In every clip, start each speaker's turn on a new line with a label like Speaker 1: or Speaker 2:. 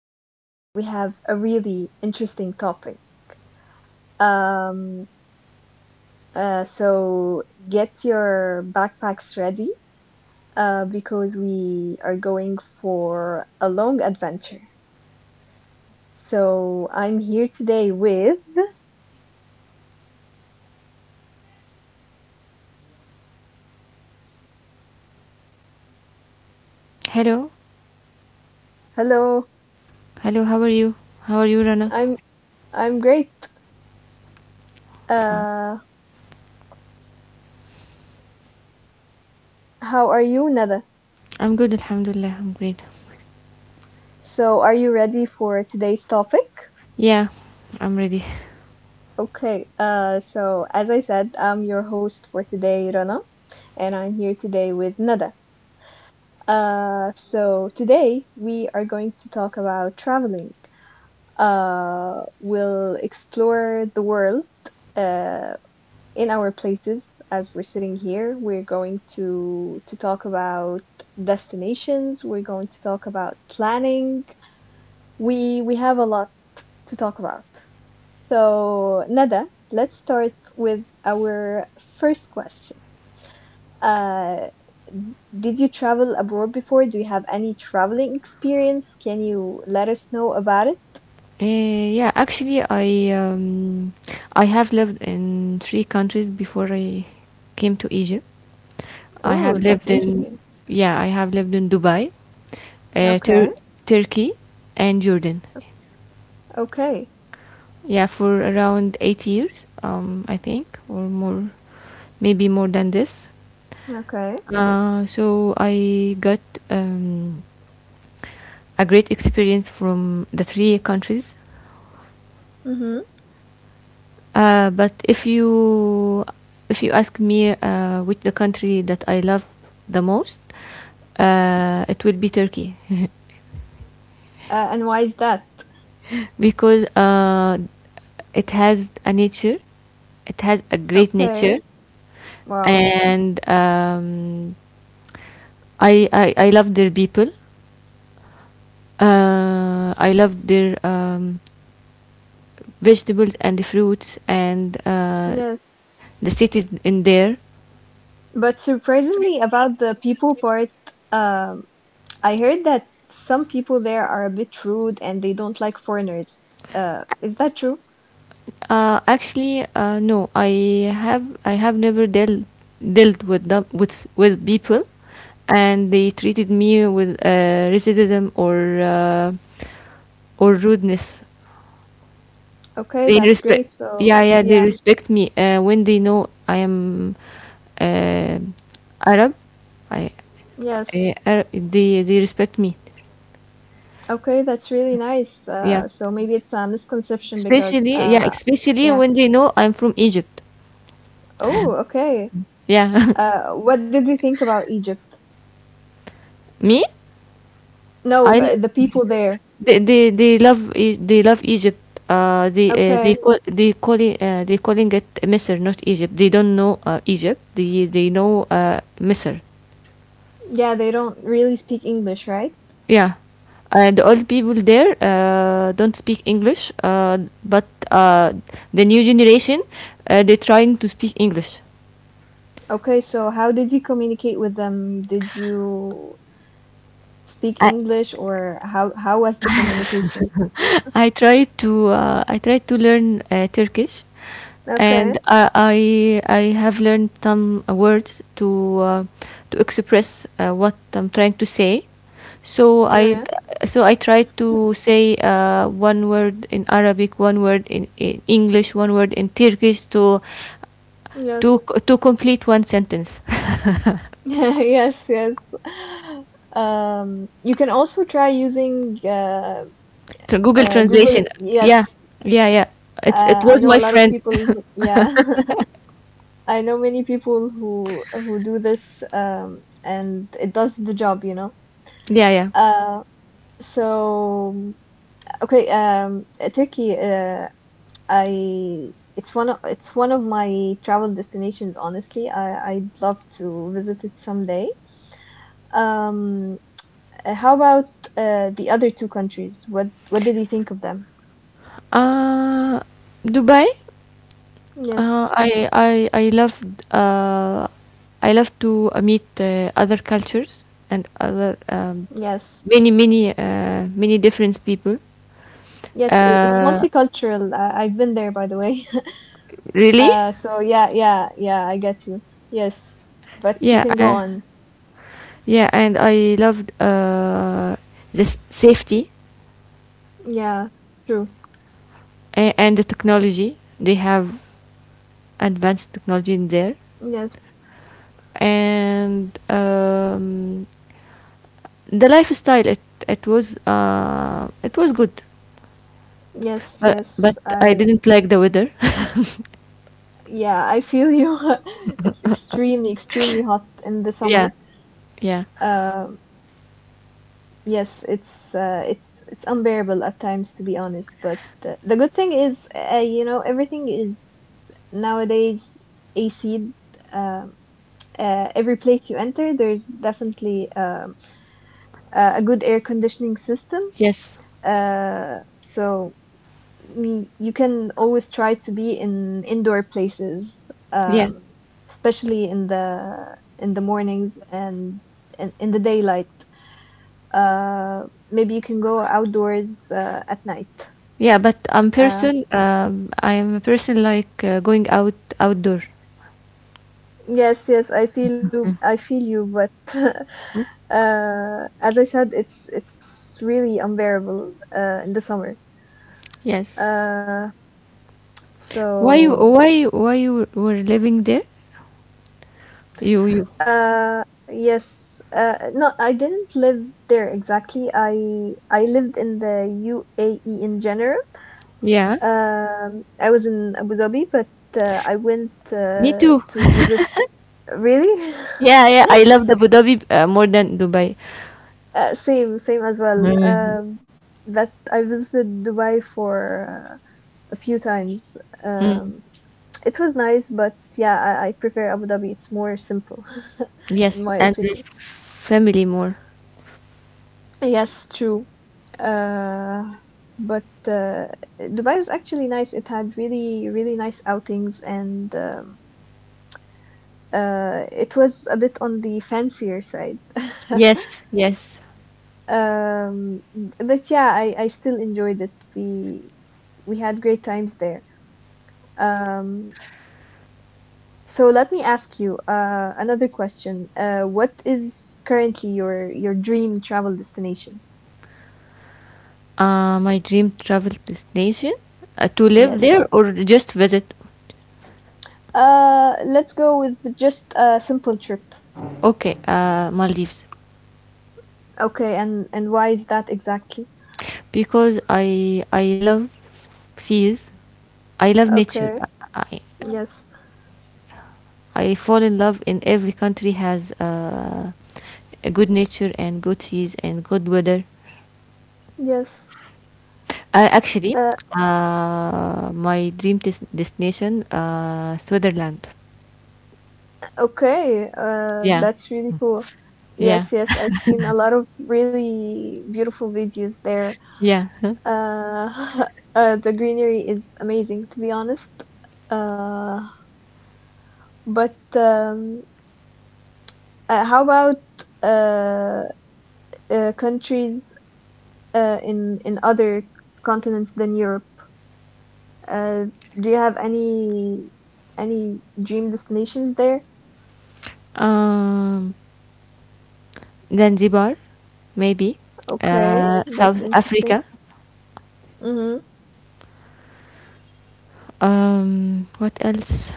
Speaker 1: Today we have a really interesting topic. Um, so get your backpacks ready because we are going for a long adventure. So I'm here today with.
Speaker 2: Hello,
Speaker 1: Hello,
Speaker 2: hello, how are you? How are you, Rana?
Speaker 1: I'm I'm great.
Speaker 2: Fine.
Speaker 1: Uh, how are you, Nada?
Speaker 2: I'm good, Alhamdulillah, I'm great.
Speaker 1: So are you ready for today's topic?
Speaker 2: Yeah, I'm ready.
Speaker 1: Okay. So as I said, I'm your host for today, Rana. And I'm here today with Nada. So today we are going to talk about traveling. We'll explore the world uh, in our places as we're sitting here. We're going to talk about destinations. We're going to talk about planning. We have a lot to talk about. So Nada, let's start with our first question. Uh, did you travel abroad before? Do you have any traveling experience? Can you let us know about it?
Speaker 2: Yeah, actually, I have lived in three countries before I came to Egypt. I have
Speaker 1: Oh, that's
Speaker 2: lived in,
Speaker 1: interesting.
Speaker 2: yeah, I have lived in Dubai, uh,
Speaker 1: Okay,
Speaker 2: Tur- Turkey, and Jordan.
Speaker 1: okay,
Speaker 2: Yeah, for around 8 years, I think, or more, maybe more than this.
Speaker 1: okay.
Speaker 2: So I got um, a great experience from the three countries.
Speaker 1: Mm-hmm.
Speaker 2: But if you ask me, which the country that I love the most, it will be Turkey,
Speaker 1: And why is that?
Speaker 2: because it has a nature, it has a great
Speaker 1: Okay.
Speaker 2: nature,
Speaker 1: Wow.
Speaker 2: and I love their people. I love their vegetables and fruits, and
Speaker 1: Yes.
Speaker 2: the cities in there.
Speaker 1: But surprisingly, about the people part, um, I heard that some people there are a bit rude and they don't like foreigners. Is that true?
Speaker 2: Actually, no, I have never dealt with them with people, and they treated me with racism, uh, or rudeness.
Speaker 1: Okay,
Speaker 2: They
Speaker 1: that's
Speaker 2: respect.
Speaker 1: great.
Speaker 2: Yeah,
Speaker 1: So,
Speaker 2: yeah, they
Speaker 1: yeah.
Speaker 2: respect me when they know I am uh, Arab. I,
Speaker 1: Yes.
Speaker 2: I Arab, they respect me.
Speaker 1: Okay, that's really nice.
Speaker 2: Yeah.
Speaker 1: So maybe it's a misconception because,
Speaker 2: Especially
Speaker 1: yeah.
Speaker 2: when they know I'm from Egypt.
Speaker 1: Oh, okay.
Speaker 2: Yeah.
Speaker 1: What did they think about Egypt?
Speaker 2: Me,
Speaker 1: No,
Speaker 2: I l-
Speaker 1: the people there.
Speaker 2: they love E- they love Egypt. They uh, they
Speaker 1: Okay.
Speaker 2: call they calling uh, they calling it Misr, not Egypt. They don't know Egypt. They know Misr.
Speaker 1: Yeah, they don't really speak English, right?
Speaker 2: Yeah, and all people there don't speak English. But the new generation, they're trying to speak English.
Speaker 1: Okay, so how did you communicate with them? Did you speak English, or how was the communication?
Speaker 2: I tried to learn Turkish,
Speaker 1: Okay.
Speaker 2: and I have learned some words to uh, express what I'm trying to say. So I
Speaker 1: Yeah.
Speaker 2: so I tried to say one word in Arabic, one word in English, one word in Turkish to to
Speaker 1: Yes.
Speaker 2: to complete one sentence.
Speaker 1: Yes, yes. You can also try using
Speaker 2: To Google
Speaker 1: Google.
Speaker 2: translation. Yeah,
Speaker 1: Yes.
Speaker 2: yeah, yeah. It's it
Speaker 1: I
Speaker 2: was
Speaker 1: know a
Speaker 2: my
Speaker 1: lot of
Speaker 2: friend.
Speaker 1: people who, yeah, I know many people who do this and it does the job.
Speaker 2: Yeah, yeah.
Speaker 1: Uh so okay, Turkey, I it's one of my travel destinations, honestly. I'd love to visit it someday. Um how about the other two countries? What did you think of them?
Speaker 2: Uh, Dubai. Uh,
Speaker 1: Yes.
Speaker 2: I I I love uh, I love to meet other cultures and other
Speaker 1: Yes.
Speaker 2: many different people.
Speaker 1: Yes, it's
Speaker 2: Uh,
Speaker 1: multicultural. I've been there, by the way.
Speaker 2: Really?
Speaker 1: So yeah, yeah, yeah, I get you. Yes, but you
Speaker 2: Yeah.
Speaker 1: can go on.
Speaker 2: Yeah, and I loved this safety,
Speaker 1: Yeah, true.
Speaker 2: and the technology. They have advanced technology in there,
Speaker 1: Yes,
Speaker 2: and the lifestyle, it it was good,
Speaker 1: yes,
Speaker 2: but
Speaker 1: yes.
Speaker 2: I
Speaker 1: I
Speaker 2: didn't like the weather.
Speaker 1: Yeah, I feel you. It's extremely, extremely hot in the
Speaker 2: Yeah,
Speaker 1: summer.
Speaker 2: yeah,
Speaker 1: Um, yes, it's it's unbearable at times, to be honest. But the good thing is, everything is nowadays AC. Uh, every place you enter, there's definitely a good air conditioning system.
Speaker 2: yes,
Speaker 1: Uh, so you can always try to be in indoor places,
Speaker 2: yeah,
Speaker 1: especially in the mornings and in the daylight. Uh, Maybe you can go outdoors at night.
Speaker 2: yeah. but i'm
Speaker 1: Uh,
Speaker 2: person um I am a person, like, going outdoor.
Speaker 1: yes, yes, I feel you, but
Speaker 2: Hmm?
Speaker 1: uh, as I said, it's really unbearable in the summer.
Speaker 2: Yes,
Speaker 1: Uh, so
Speaker 2: why you were living there? You
Speaker 1: Uh, yes. No, I didn't live there exactly. I lived in the UAE in general.
Speaker 2: Yeah,
Speaker 1: I was in Abu Dhabi, but I went
Speaker 2: me too.
Speaker 1: to visit. Really?
Speaker 2: Yeah, I love Abu Dhabi, more than Dubai.
Speaker 1: Same, same as well.
Speaker 2: Mm.
Speaker 1: That I visited Dubai for uh, a few times.
Speaker 2: Mm,
Speaker 1: Um, it was nice, but yeah, I prefer Abu Dhabi. It's more simple, in
Speaker 2: yes,
Speaker 1: my
Speaker 2: and the
Speaker 1: opinion.
Speaker 2: family, more.
Speaker 1: Yes, true. Uh, but Dubai was actually nice. It had really, really nice outings, and it was a bit on the fancier side.
Speaker 2: Yes, yes.
Speaker 1: Um, but yeah, I still enjoyed it. We had great times there. Um, so let me ask you another question. What is currently your dream travel destination?
Speaker 2: My dream travel destination, to live
Speaker 1: Yes.
Speaker 2: there or just visit?
Speaker 1: Let's go with just a simple trip.
Speaker 2: Okay, Maldives,
Speaker 1: Okay, and why is that exactly?
Speaker 2: because I love seas, I love nature.
Speaker 1: Okay.
Speaker 2: I
Speaker 1: Yes.
Speaker 2: I fall in love in every country has a good nature and good seas and good weather.
Speaker 1: Yes.
Speaker 2: Actually,
Speaker 1: Uh,
Speaker 2: my dream destination, Switzerland.
Speaker 1: okay.
Speaker 2: Yeah,
Speaker 1: That's really cool.
Speaker 2: yeah,
Speaker 1: Yes, yes, I've seen a lot of really beautiful videos there.
Speaker 2: yeah.
Speaker 1: Uh, the greenery is amazing, to be honest. Uh, but how about uh, countries in other continents than Europe? Uh, do you have any dream destinations there?
Speaker 2: um, Zanzibar, maybe,
Speaker 1: Okay, that's
Speaker 2: South
Speaker 1: interesting.
Speaker 2: Africa.
Speaker 1: hmm
Speaker 2: What else?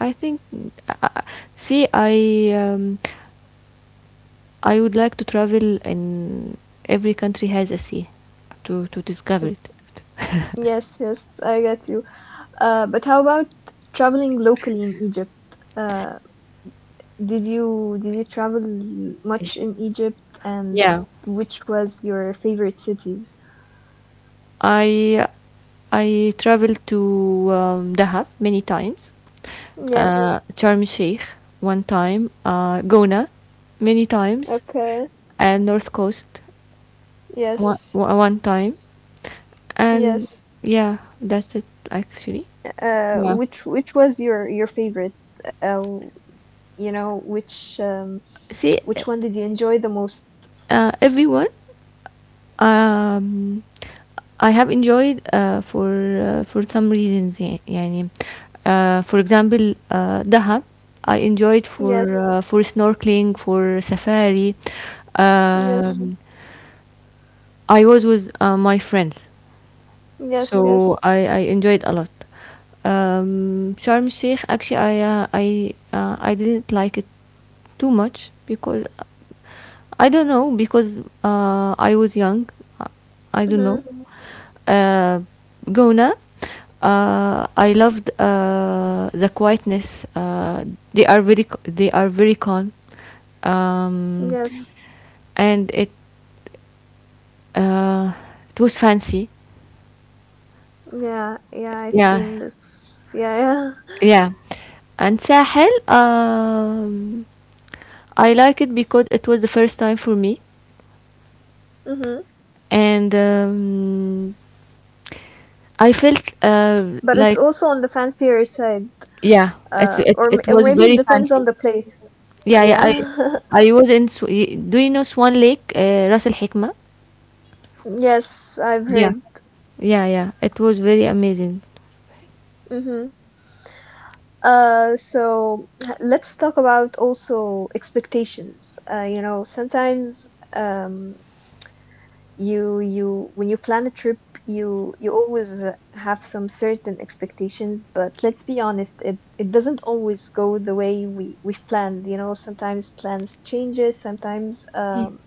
Speaker 2: I think. Uh, uh, See, I would like to travel, and every country has a sea to discover it.
Speaker 1: Yes, yes, I get you. But how about traveling locally in Egypt? Uh, did you travel much in Egypt, and
Speaker 2: Yeah,
Speaker 1: which was your favorite cities?
Speaker 2: I I traveled to Dahab many times,
Speaker 1: Yes.
Speaker 2: Sharm Sheikh one time, Gona many times,
Speaker 1: Okay.
Speaker 2: and North Coast one,
Speaker 1: Yes.
Speaker 2: one one time. And
Speaker 1: Yes.
Speaker 2: yeah, that's it actually.
Speaker 1: Uh,
Speaker 2: Yeah.
Speaker 1: which which was your favorite? Uh, you know, which um,
Speaker 2: See,
Speaker 1: which one did you enjoy the most?
Speaker 2: everyone, um I have enjoyed, for some reasons, yeah, يعني. For example, دهب, I enjoyed for
Speaker 1: Yes.
Speaker 2: snorkeling, for safari.
Speaker 1: Yes.
Speaker 2: um, I was with my friends,
Speaker 1: Yes,
Speaker 2: so
Speaker 1: yes.
Speaker 2: I enjoyed a lot. Sharm el Sheikh, actually I didn't like it too much, because I don't know, because I was young. Uh, I don't know.
Speaker 1: Mm-hmm.
Speaker 2: Uh, Gona, I loved the quietness. They are very calm, um,
Speaker 1: Yes.
Speaker 2: and uh, it was fancy.
Speaker 1: Yeah, yeah, I've
Speaker 2: Yeah,
Speaker 1: seen this. Yeah, yeah.
Speaker 2: yeah. And Sahel, I like it because it was the first time for me,
Speaker 1: Mm-hmm.
Speaker 2: and I felt,
Speaker 1: But it's
Speaker 2: like...
Speaker 1: also on the fancier side.
Speaker 2: Yeah, it's
Speaker 1: Uh,
Speaker 2: it
Speaker 1: or m-
Speaker 2: it
Speaker 1: or
Speaker 2: was
Speaker 1: maybe it
Speaker 2: very
Speaker 1: depends on
Speaker 2: fancy.
Speaker 1: the place.
Speaker 2: Yeah, yeah.
Speaker 1: Yeah.
Speaker 2: I was in Sw- y- Do you know Swan Lake, Ras Al Hikma?
Speaker 1: Yes, I've heard.
Speaker 2: Yeah, yeah. It was very amazing.
Speaker 1: Mm-hmm. Let's talk about also expectations. Sometimes, um you you when you plan a trip, you always have some certain expectations, but let's be honest, it doesn't always go the way we've planned. Sometimes plans changes. Sometimes
Speaker 2: Ye-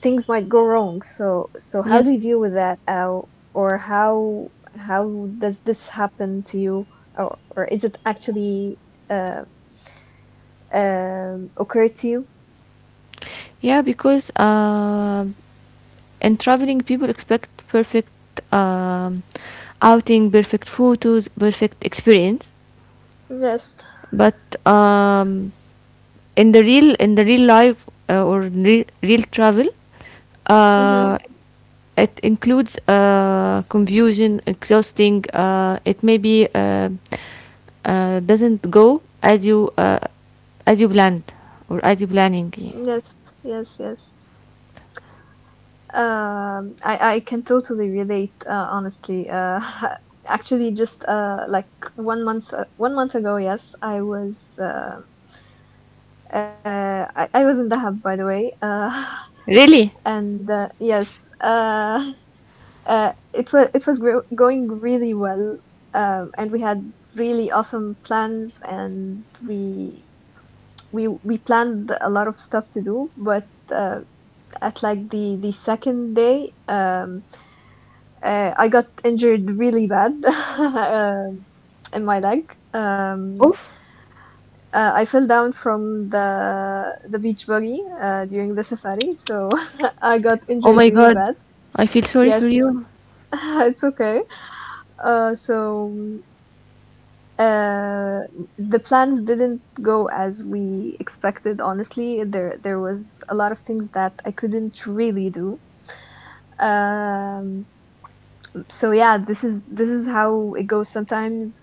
Speaker 1: things might go wrong. So how do
Speaker 2: Yes.
Speaker 1: you deal with that, or how does this happen to you, or is it actually uh, occur to you?
Speaker 2: Yeah, because in traveling, people expect perfect um, outing, perfect photos, perfect experience.
Speaker 1: Yes.
Speaker 2: But um, in the real life, or re real travel,
Speaker 1: Mhm.
Speaker 2: uh, it includes confusion, exhausting. It maybe doesn't go as you planned, or as you planning.
Speaker 1: Yes, yes, yes. I can totally relate. Honestly, actually, just like one month ago. Yes, I was I was in Dahab, by the way.
Speaker 2: Really?
Speaker 1: And yes, it was going really well. And we had really awesome plans, and we planned a lot of stuff to do, but uh, at like the second day. I got injured really bad, in my leg. Um,
Speaker 2: Oof.
Speaker 1: I fell down from the beach buggy during the safari, so I got
Speaker 2: Oh
Speaker 1: injured
Speaker 2: my
Speaker 1: really
Speaker 2: god.
Speaker 1: bad.
Speaker 2: I feel sorry for
Speaker 1: Yes,
Speaker 2: you.
Speaker 1: it's okay. So uh, the plans didn't go as we expected. Honestly, there was a lot of things that I couldn't really do. Um, so yeah, this is how it goes sometimes.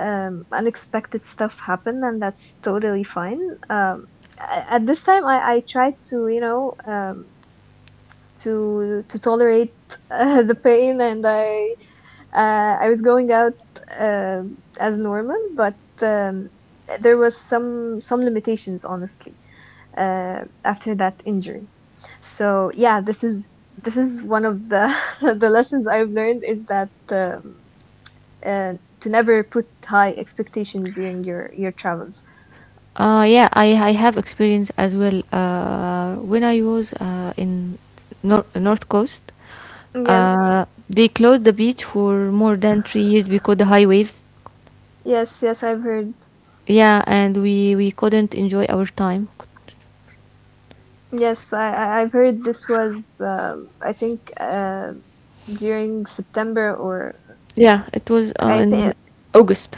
Speaker 1: Unexpected stuff happen, and that's totally fine. um at this time, I tried to, to tolerate the pain, and I was going out as normal, but there was some limitations, honestly, after that injury. So yeah, this is one of the the lessons I've learned is that, uh, to never put high expectations during your travels.
Speaker 2: Yeah, I have experience as well. When I was in North Coast,
Speaker 1: Yes,
Speaker 2: they closed the beach for more than 3 years because the high waves.
Speaker 1: yes, yes. I've heard.
Speaker 2: Yeah, and we couldn't enjoy our time.
Speaker 1: Yes, I've heard this was I think during September, or
Speaker 2: Yeah, it was
Speaker 1: I
Speaker 2: in
Speaker 1: think,
Speaker 2: August.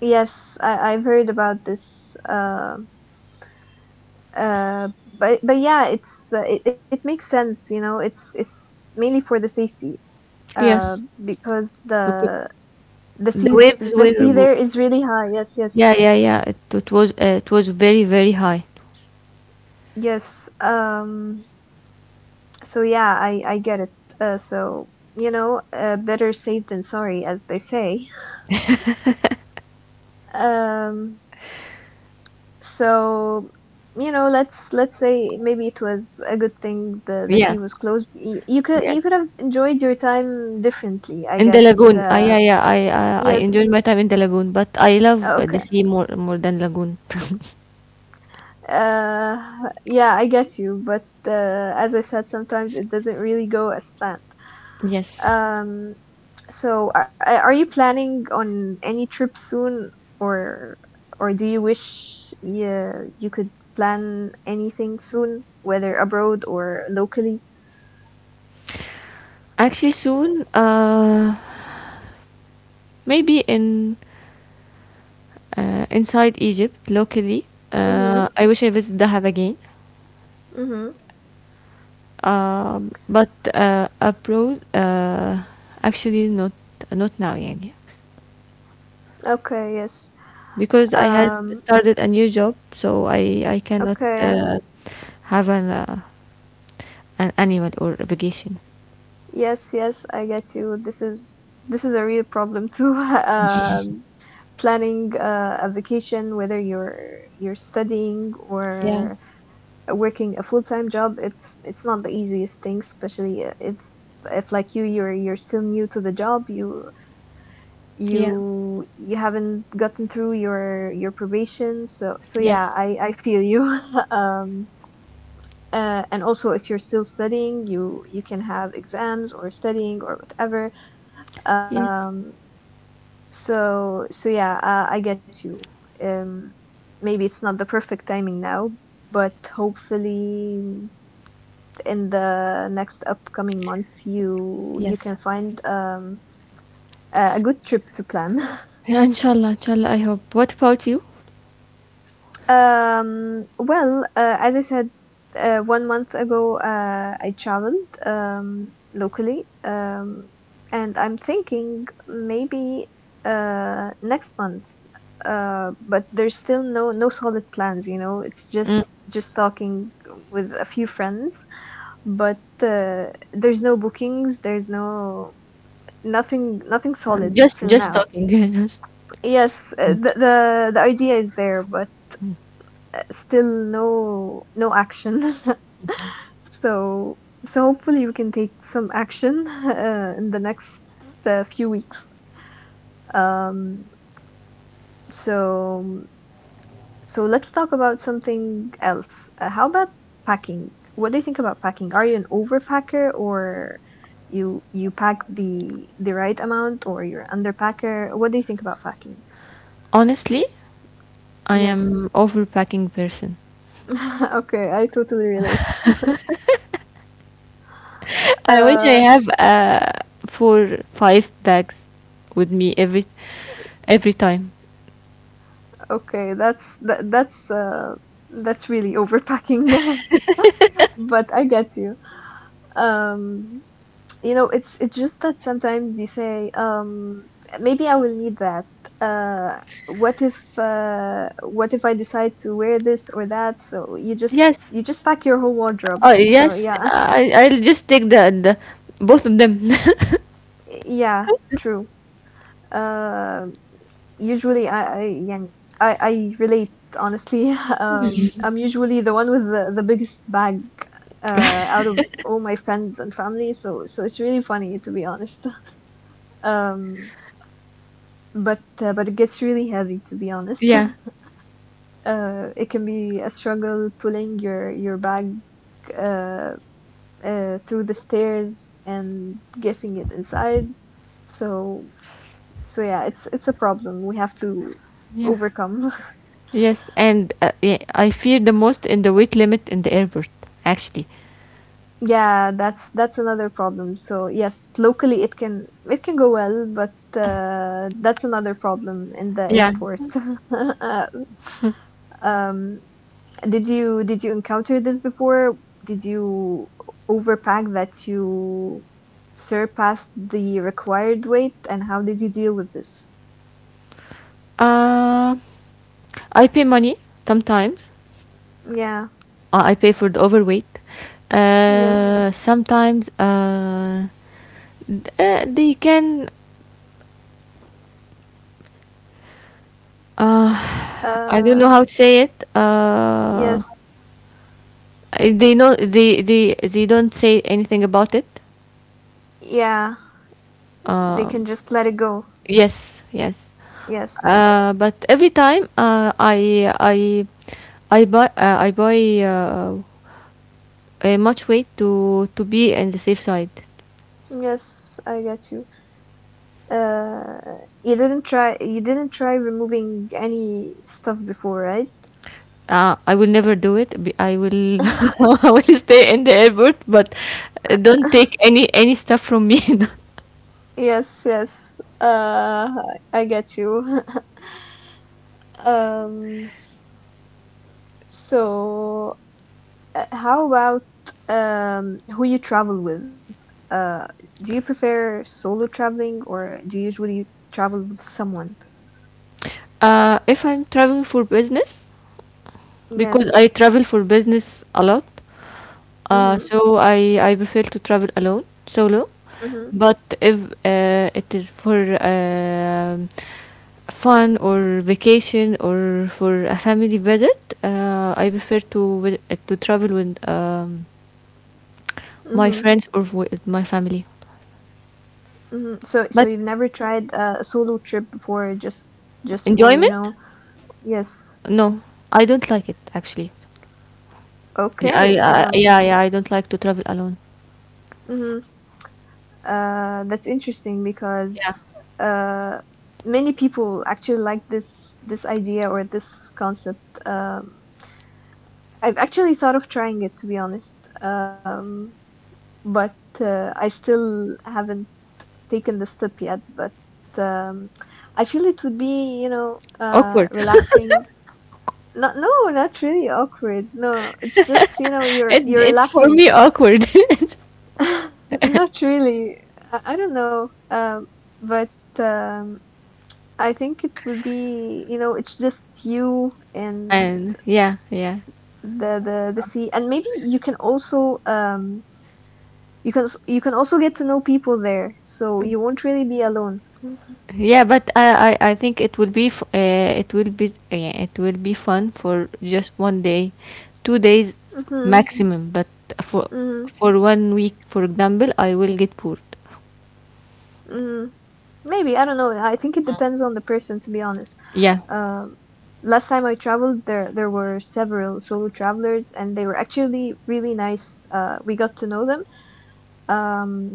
Speaker 1: yes, I've heard about this. Uh, but yeah, it makes sense. You know, it's mainly for the safety. Uh,
Speaker 2: Yes.
Speaker 1: because
Speaker 2: Because
Speaker 1: the the
Speaker 2: the
Speaker 1: sea
Speaker 2: waves
Speaker 1: the sea
Speaker 2: were —
Speaker 1: there is really high. Yes, yes,
Speaker 2: yeah, yeah, yeah. It was very, very high.
Speaker 1: yes. So yeah, I get it. So better safe than sorry, as they say. Um, so let's say maybe it was a good thing the
Speaker 2: Yeah,
Speaker 1: sea was closed. You could you
Speaker 2: yes.
Speaker 1: could have enjoyed your time differently, I
Speaker 2: In the
Speaker 1: guess.
Speaker 2: lagoon. Yeah, yeah, I
Speaker 1: Yes.
Speaker 2: enjoyed my time in the lagoon, but I love the
Speaker 1: Okay.
Speaker 2: sea more than lagoon.
Speaker 1: Yeah, I get you, but as I said, sometimes it doesn't really go as planned.
Speaker 2: Yes,
Speaker 1: Um, so are you planning on any trip soon, or or do you wish you could plan anything soon, whether abroad or locally?
Speaker 2: actually, soon, maybe, in inside Egypt locally.
Speaker 1: Mhm.
Speaker 2: I wish I visit Dahab again.
Speaker 1: Mhm.
Speaker 2: But abroad, actually, not now, يعني.
Speaker 1: Okay, yes.
Speaker 2: Because I had
Speaker 1: Um,
Speaker 2: started a new job, so I cannot
Speaker 1: okay.
Speaker 2: have an annual or a vacation.
Speaker 1: Yes, yes, I get you. This is a real problem too. Um, Planning a vacation, whether you're studying
Speaker 2: Yeah.
Speaker 1: or working a full-time job, it's not the easiest thing, especially if like you're still new to the job. you
Speaker 2: Yeah.
Speaker 1: you you haven't gotten through your probation, so yeah,
Speaker 2: Yes.
Speaker 1: I feel you. um and also, if you're still studying, you can have exams or studying or whatever.
Speaker 2: Yes.
Speaker 1: Um so so yeah, I get you. um Maybe it's not the perfect timing now, but hopefully in the next upcoming month you can
Speaker 2: Yes.
Speaker 1: find a good trip to plan.
Speaker 2: Yeah, inshallah, I hope. What about you?
Speaker 1: Well, as I said, one month ago, I traveled, locally, and I'm thinking maybe next month. But there's still no no solid plans. You know, it's
Speaker 2: Mm.
Speaker 1: just talking with a few friends, but there's no bookings, there's no nothing, nothing
Speaker 2: Yeah.
Speaker 1: solid
Speaker 2: just
Speaker 1: till
Speaker 2: just
Speaker 1: now.
Speaker 2: talking. Just...
Speaker 1: Yes, the, the idea is there, but still no no action. So hopefully we can take some action, in the next few weeks. um so let's talk about something else. How about packing? What do you think about packing? Are you an overpacker, or you pack the right amount, or you're an underpacker? What do you think about packing?
Speaker 2: Honestly, I
Speaker 1: Yes.
Speaker 2: am overpacking person.
Speaker 1: Okay, I totally relate.
Speaker 2: I wish I
Speaker 1: Uh,
Speaker 2: have, four five bags, with me every time.
Speaker 1: okay, that's that's really overpacking, but I get you. Um, you know, it's just that sometimes you say, maybe I will need that. Uh, what if I decide to wear this or that? So
Speaker 2: Yes.
Speaker 1: you just pack your whole wardrobe.
Speaker 2: Oh
Speaker 1: So
Speaker 2: yes.
Speaker 1: yeah,
Speaker 2: I'll just take the both of them.
Speaker 1: yeah, true. Um usually I yeah I relate honestly. I'm usually the one with the biggest bag uh out of all my friends and family, so so it's really funny to be honest. um but it gets really heavy to be honest.
Speaker 2: Yeah.
Speaker 1: It can be a struggle pulling your bag uh, through the stairs and getting it inside, so so yeah, it's a problem we have to
Speaker 2: Yeah.
Speaker 1: overcome.
Speaker 2: Yes, and yeah, I fear the most in the weight limit in the airport, actually.
Speaker 1: Yeah, that's another problem. So yes, locally it can go well, but that's another problem in the
Speaker 2: Yeah.
Speaker 1: airport. Um, did you encounter this before? Did you overpack that you surpassed the required weight, and how did you deal with this?
Speaker 2: Uh, I pay money sometimes.
Speaker 1: Yeah,
Speaker 2: I pay for the overweight.
Speaker 1: yes.
Speaker 2: Sometimes, they can... Uh, I don't
Speaker 1: Uh,
Speaker 2: know how to say it.
Speaker 1: yes.
Speaker 2: They know, they don't say anything about it.
Speaker 1: Yeah, they can just let it go.
Speaker 2: Yes, yes.
Speaker 1: Yes.
Speaker 2: But every time, I buy uh, much weight, to be in the safe side.
Speaker 1: Yes, I get you. You didn't try removing any stuff before, right?
Speaker 2: I will never do it. I will I will stay in the airport, but don't take any stuff from me.
Speaker 1: Yes, yes. I get you. Um, so how about who you travel with? Uh, do you prefer solo traveling or do you usually travel with someone?
Speaker 2: If I'm traveling for business, because
Speaker 1: Yes.
Speaker 2: I travel for business a lot.
Speaker 1: Mm-hmm.
Speaker 2: So I prefer to travel alone, solo.
Speaker 1: Mm-hmm.
Speaker 2: But if it is for fun or vacation or for a family visit, I prefer to to travel with my
Speaker 1: Mm-hmm.
Speaker 2: friends or with my family.
Speaker 1: Mm-hmm. So so
Speaker 2: But
Speaker 1: you've never tried a solo trip before, just for, you
Speaker 2: enjoyment?
Speaker 1: know? Yes.
Speaker 2: No, I don't like it actually. Yeah, I,
Speaker 1: Okay.
Speaker 2: I yeah, yeah, I don't like to travel alone.
Speaker 1: Mhm. That's interesting
Speaker 2: Yeah,
Speaker 1: because uh, many people actually like this idea or this concept. I've actually thought of trying it, to be honest, um, but I still haven't taken the step yet. But um, I feel it would be, you know,
Speaker 2: awkward.
Speaker 1: relaxing. Not, no, not really awkward. No, it's just, you know,
Speaker 2: it,
Speaker 1: you're
Speaker 2: it's for
Speaker 1: relaxing.
Speaker 2: me awkward.
Speaker 1: Not really. I don't know. But um, I think it will be, you know, it's just you and
Speaker 2: And, yeah, yeah,
Speaker 1: the sea, and maybe you can also you can also get to know people there, so you won't really be alone.
Speaker 2: yeah, but I think it will be fun for just one day, 2 days
Speaker 1: Mm-hmm.
Speaker 2: maximum, but for
Speaker 1: Mm-hmm.
Speaker 2: for one week for example, I will get bored.
Speaker 1: Mm-hmm. Maybe, I don't know. I think it depends on the person, to be honest.
Speaker 2: Yeah,
Speaker 1: Um, Last time I traveled, there were several solo travelers, and they were actually really nice. We got to know them. um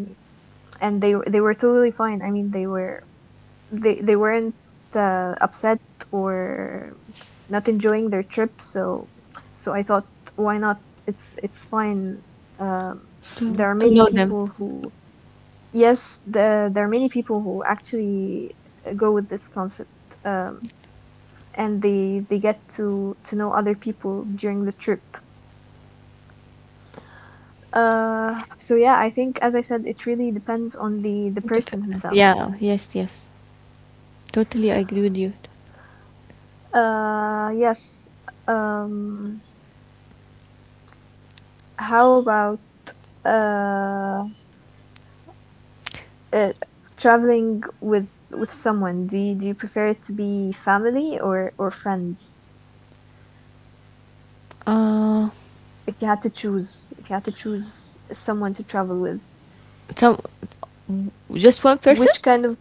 Speaker 1: and they were totally fine. I mean, they were they weren't upset or not enjoying their trip, so so I thought, why not? It's it's fine. Um
Speaker 2: to
Speaker 1: there are
Speaker 2: to
Speaker 1: many
Speaker 2: know them.
Speaker 1: people who Yes, the, there are many people who actually go with this concept, um and they get to know other people during the trip. So yeah, I think, as I said, it really depends on the
Speaker 2: Dep-
Speaker 1: person himself.
Speaker 2: yeah, yes, yes, totally agree with you.
Speaker 1: Yes. Um, how about uh, uh traveling with someone? Do you prefer it to be family or friends?
Speaker 2: Uh
Speaker 1: If you had to choose, if you had to choose someone to travel with,
Speaker 2: some Just one person?
Speaker 1: which kind of,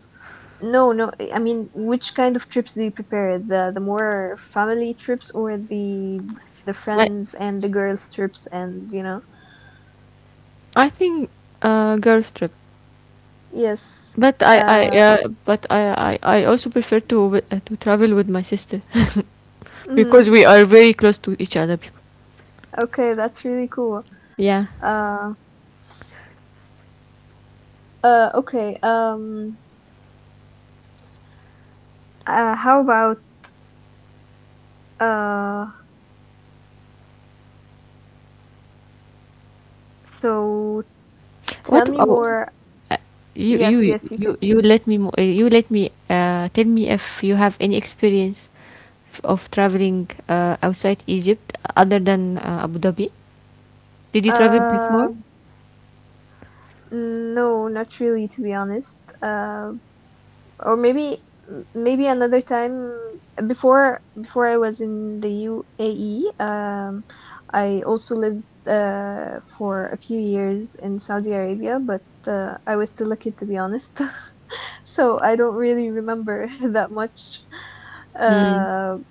Speaker 1: no no, I mean, which kind of trips do you prefer? The more family trips or the
Speaker 2: But
Speaker 1: friends and the girls trips and you know?
Speaker 2: I think, girls trip.
Speaker 1: Yes.
Speaker 2: But I
Speaker 1: Uh,
Speaker 2: but I also prefer to to travel with my sister,
Speaker 1: mhm.
Speaker 2: because we are very close to each other.
Speaker 1: Okay, that's really cool.
Speaker 2: Yeah.
Speaker 1: Uh. Okay. How about uh, so tell
Speaker 2: What
Speaker 1: me
Speaker 2: about
Speaker 1: more.
Speaker 2: uh, you? You
Speaker 1: Yes, yes, you
Speaker 2: you
Speaker 1: can.
Speaker 2: you let me tell me if you have any experience of traveling outside Egypt, other than Abu Dhabi. Did you travel before?
Speaker 1: Uh, no, not really, to be honest. Or maybe Maybe another time, before before I was in the UAE, I also lived for a few years in Saudi Arabia, but I was still a kid, to be honest. So I don't really remember that much.
Speaker 2: Hmm.
Speaker 1: Um,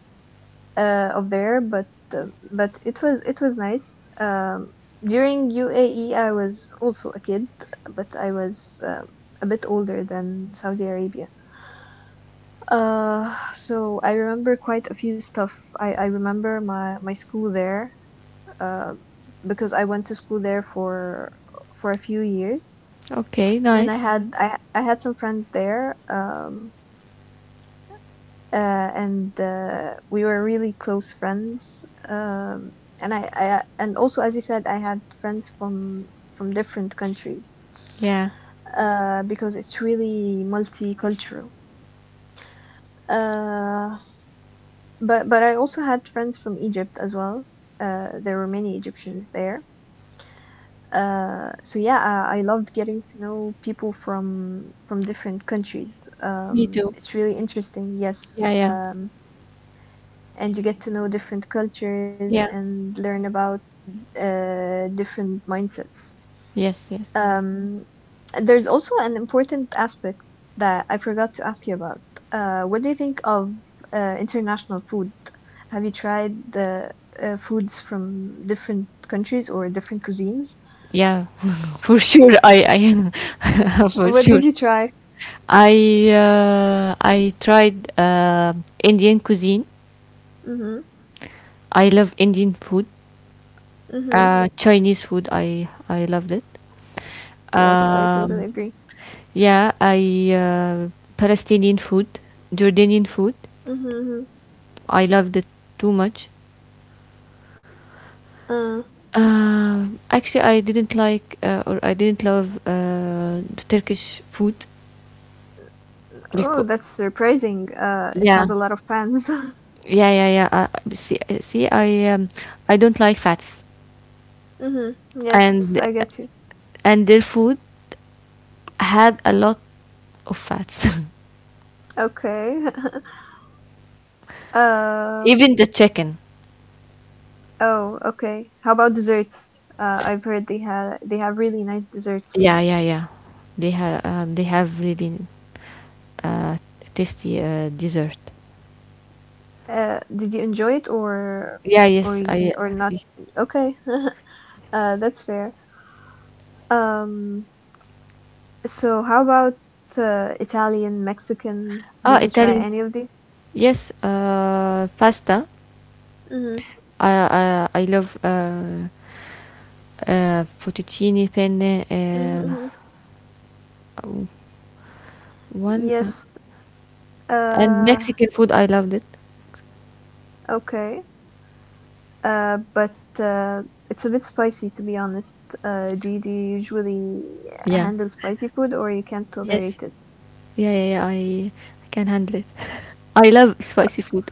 Speaker 1: of there, but it was nice. During UAE, I was also a kid, but I was a bit older than Saudi Arabia. So I remember quite a few stuff. I remember my school there, uh, because I went to school there for a few years,
Speaker 2: Okay.
Speaker 1: and
Speaker 2: Nice.
Speaker 1: I had some friends there. And we were really close friends. And and also, as you said, I had friends from different countries,
Speaker 2: Yeah.
Speaker 1: because it's really multicultural. Uh, but I also had friends from Egypt as well. There were many Egyptians there. So yeah, I loved getting to know people from different countries.
Speaker 2: Me too.
Speaker 1: It's really interesting. Yes,
Speaker 2: Yeah. Yeah.
Speaker 1: and you get to know different cultures
Speaker 2: Yeah.
Speaker 1: and learn about different mindsets.
Speaker 2: Yes. Yes.
Speaker 1: Um, there's also an important aspect that I forgot to ask you about. What do you think of international food? Have you tried the foods from different countries or different cuisines?
Speaker 2: Yeah. For sure. I for
Speaker 1: What
Speaker 2: sure.
Speaker 1: did you try?
Speaker 2: I tried Indian cuisine.
Speaker 1: Mm-hmm.
Speaker 2: I love Indian food.
Speaker 1: Mm-hmm.
Speaker 2: Chinese food, I loved it.
Speaker 1: Yes, I totally
Speaker 2: Um,
Speaker 1: agree.
Speaker 2: yeah, I Palestinian food, Jordanian food.
Speaker 1: Mm-hmm.
Speaker 2: I loved it too much.
Speaker 1: Mm-hmm.
Speaker 2: Actually, I didn't like, or I didn't love, the Turkish food,
Speaker 1: Oh,
Speaker 2: because
Speaker 1: that's surprising. It
Speaker 2: yeah,
Speaker 1: has a lot of fans.
Speaker 2: yeah, yeah, yeah. See, I don't like fats,
Speaker 1: Mm-hmm. Yes, I
Speaker 2: and
Speaker 1: get you.
Speaker 2: and their food had a lot of fats.
Speaker 1: Okay. Um,
Speaker 2: Even the chicken.
Speaker 1: oh, okay. How about desserts? I've heard they have really nice desserts.
Speaker 2: Yeah, yeah, yeah. They have really uh, tasty dessert.
Speaker 1: Did you enjoy it
Speaker 2: Yeah, yes, I...
Speaker 1: or not? Okay, that's fair. Um, so how about Italian, Mexican? Did you try
Speaker 2: Italian.
Speaker 1: any of these?
Speaker 2: Yes, pasta.
Speaker 1: Mm-hmm,
Speaker 2: I love, fettuccine penne.
Speaker 1: mm-hmm. Mm-hmm.
Speaker 2: One
Speaker 1: Yes.
Speaker 2: And
Speaker 1: Uh,
Speaker 2: Mexican food. I loved it.
Speaker 1: okay. But It's a bit spicy, to be honest. Do you usually
Speaker 2: Yeah.
Speaker 1: handle spicy food or you can't
Speaker 2: Yes.
Speaker 1: tolerate it?
Speaker 2: Yeah, yeah, yeah. I can handle it. I love spicy food.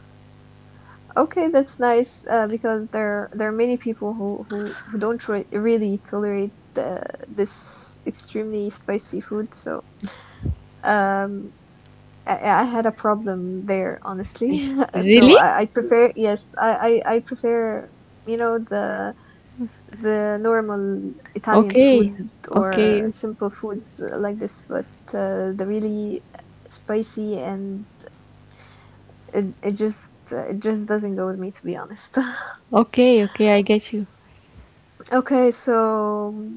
Speaker 1: Okay, that's nice because there are many people who don't try, really tolerate the, this extremely spicy food. So um, I had a problem there, honestly. So
Speaker 2: Really?
Speaker 1: I prefer, yes, I prefer, you know, the normal Italian
Speaker 2: Okay.
Speaker 1: food or
Speaker 2: Okay.
Speaker 1: simple foods like this, but the really spicy, and it, it just doesn't go with me, to be honest.
Speaker 2: Okay. Okay. I get you.
Speaker 1: Okay, so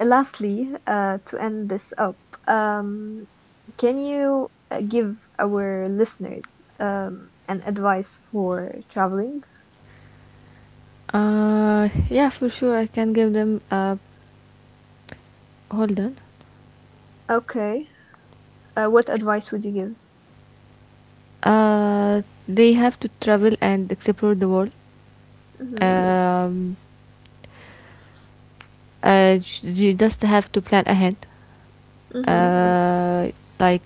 Speaker 1: lastly, to end this up, um, can you give our listeners an advice for traveling?
Speaker 2: Yeah, for sure. I can give them. Hold on.
Speaker 1: Okay, what advice would you give?
Speaker 2: Uh, they have to travel and explore the world.
Speaker 1: Mm-hmm,
Speaker 2: Um, you just have to plan ahead.
Speaker 1: mm-hmm,
Speaker 2: Uh, like,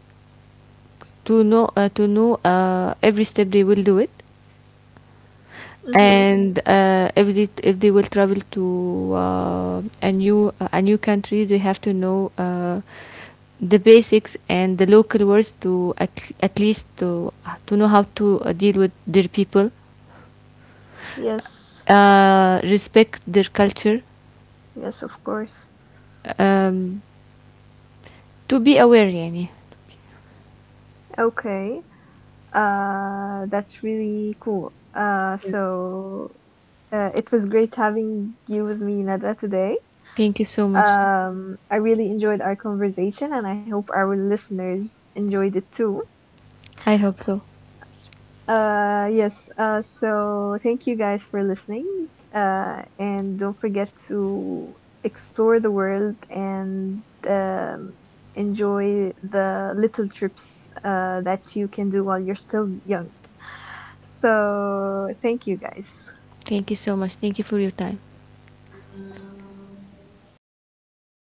Speaker 2: to know every step they will do it.
Speaker 1: mm-hmm.
Speaker 2: And if they will travel to a new country, they have to know the basics and the local words at least to know how to deal with their people,
Speaker 1: Yes,
Speaker 2: respect their culture,
Speaker 1: yes, of course.
Speaker 2: um, to be aware, yani.
Speaker 1: Okay, that's really cool.
Speaker 2: Yeah.
Speaker 1: It was great having you with me, Nada, today.
Speaker 2: Thank you so much.
Speaker 1: I really enjoyed our conversation, and I hope our listeners enjoyed it too.
Speaker 2: I hope so.
Speaker 1: Yes, so thank you guys for listening. And don't forget to explore the world and um, enjoy the little trips that you can do while you're still young. So, thank you guys.
Speaker 2: Thank you so much. Thank you for your time.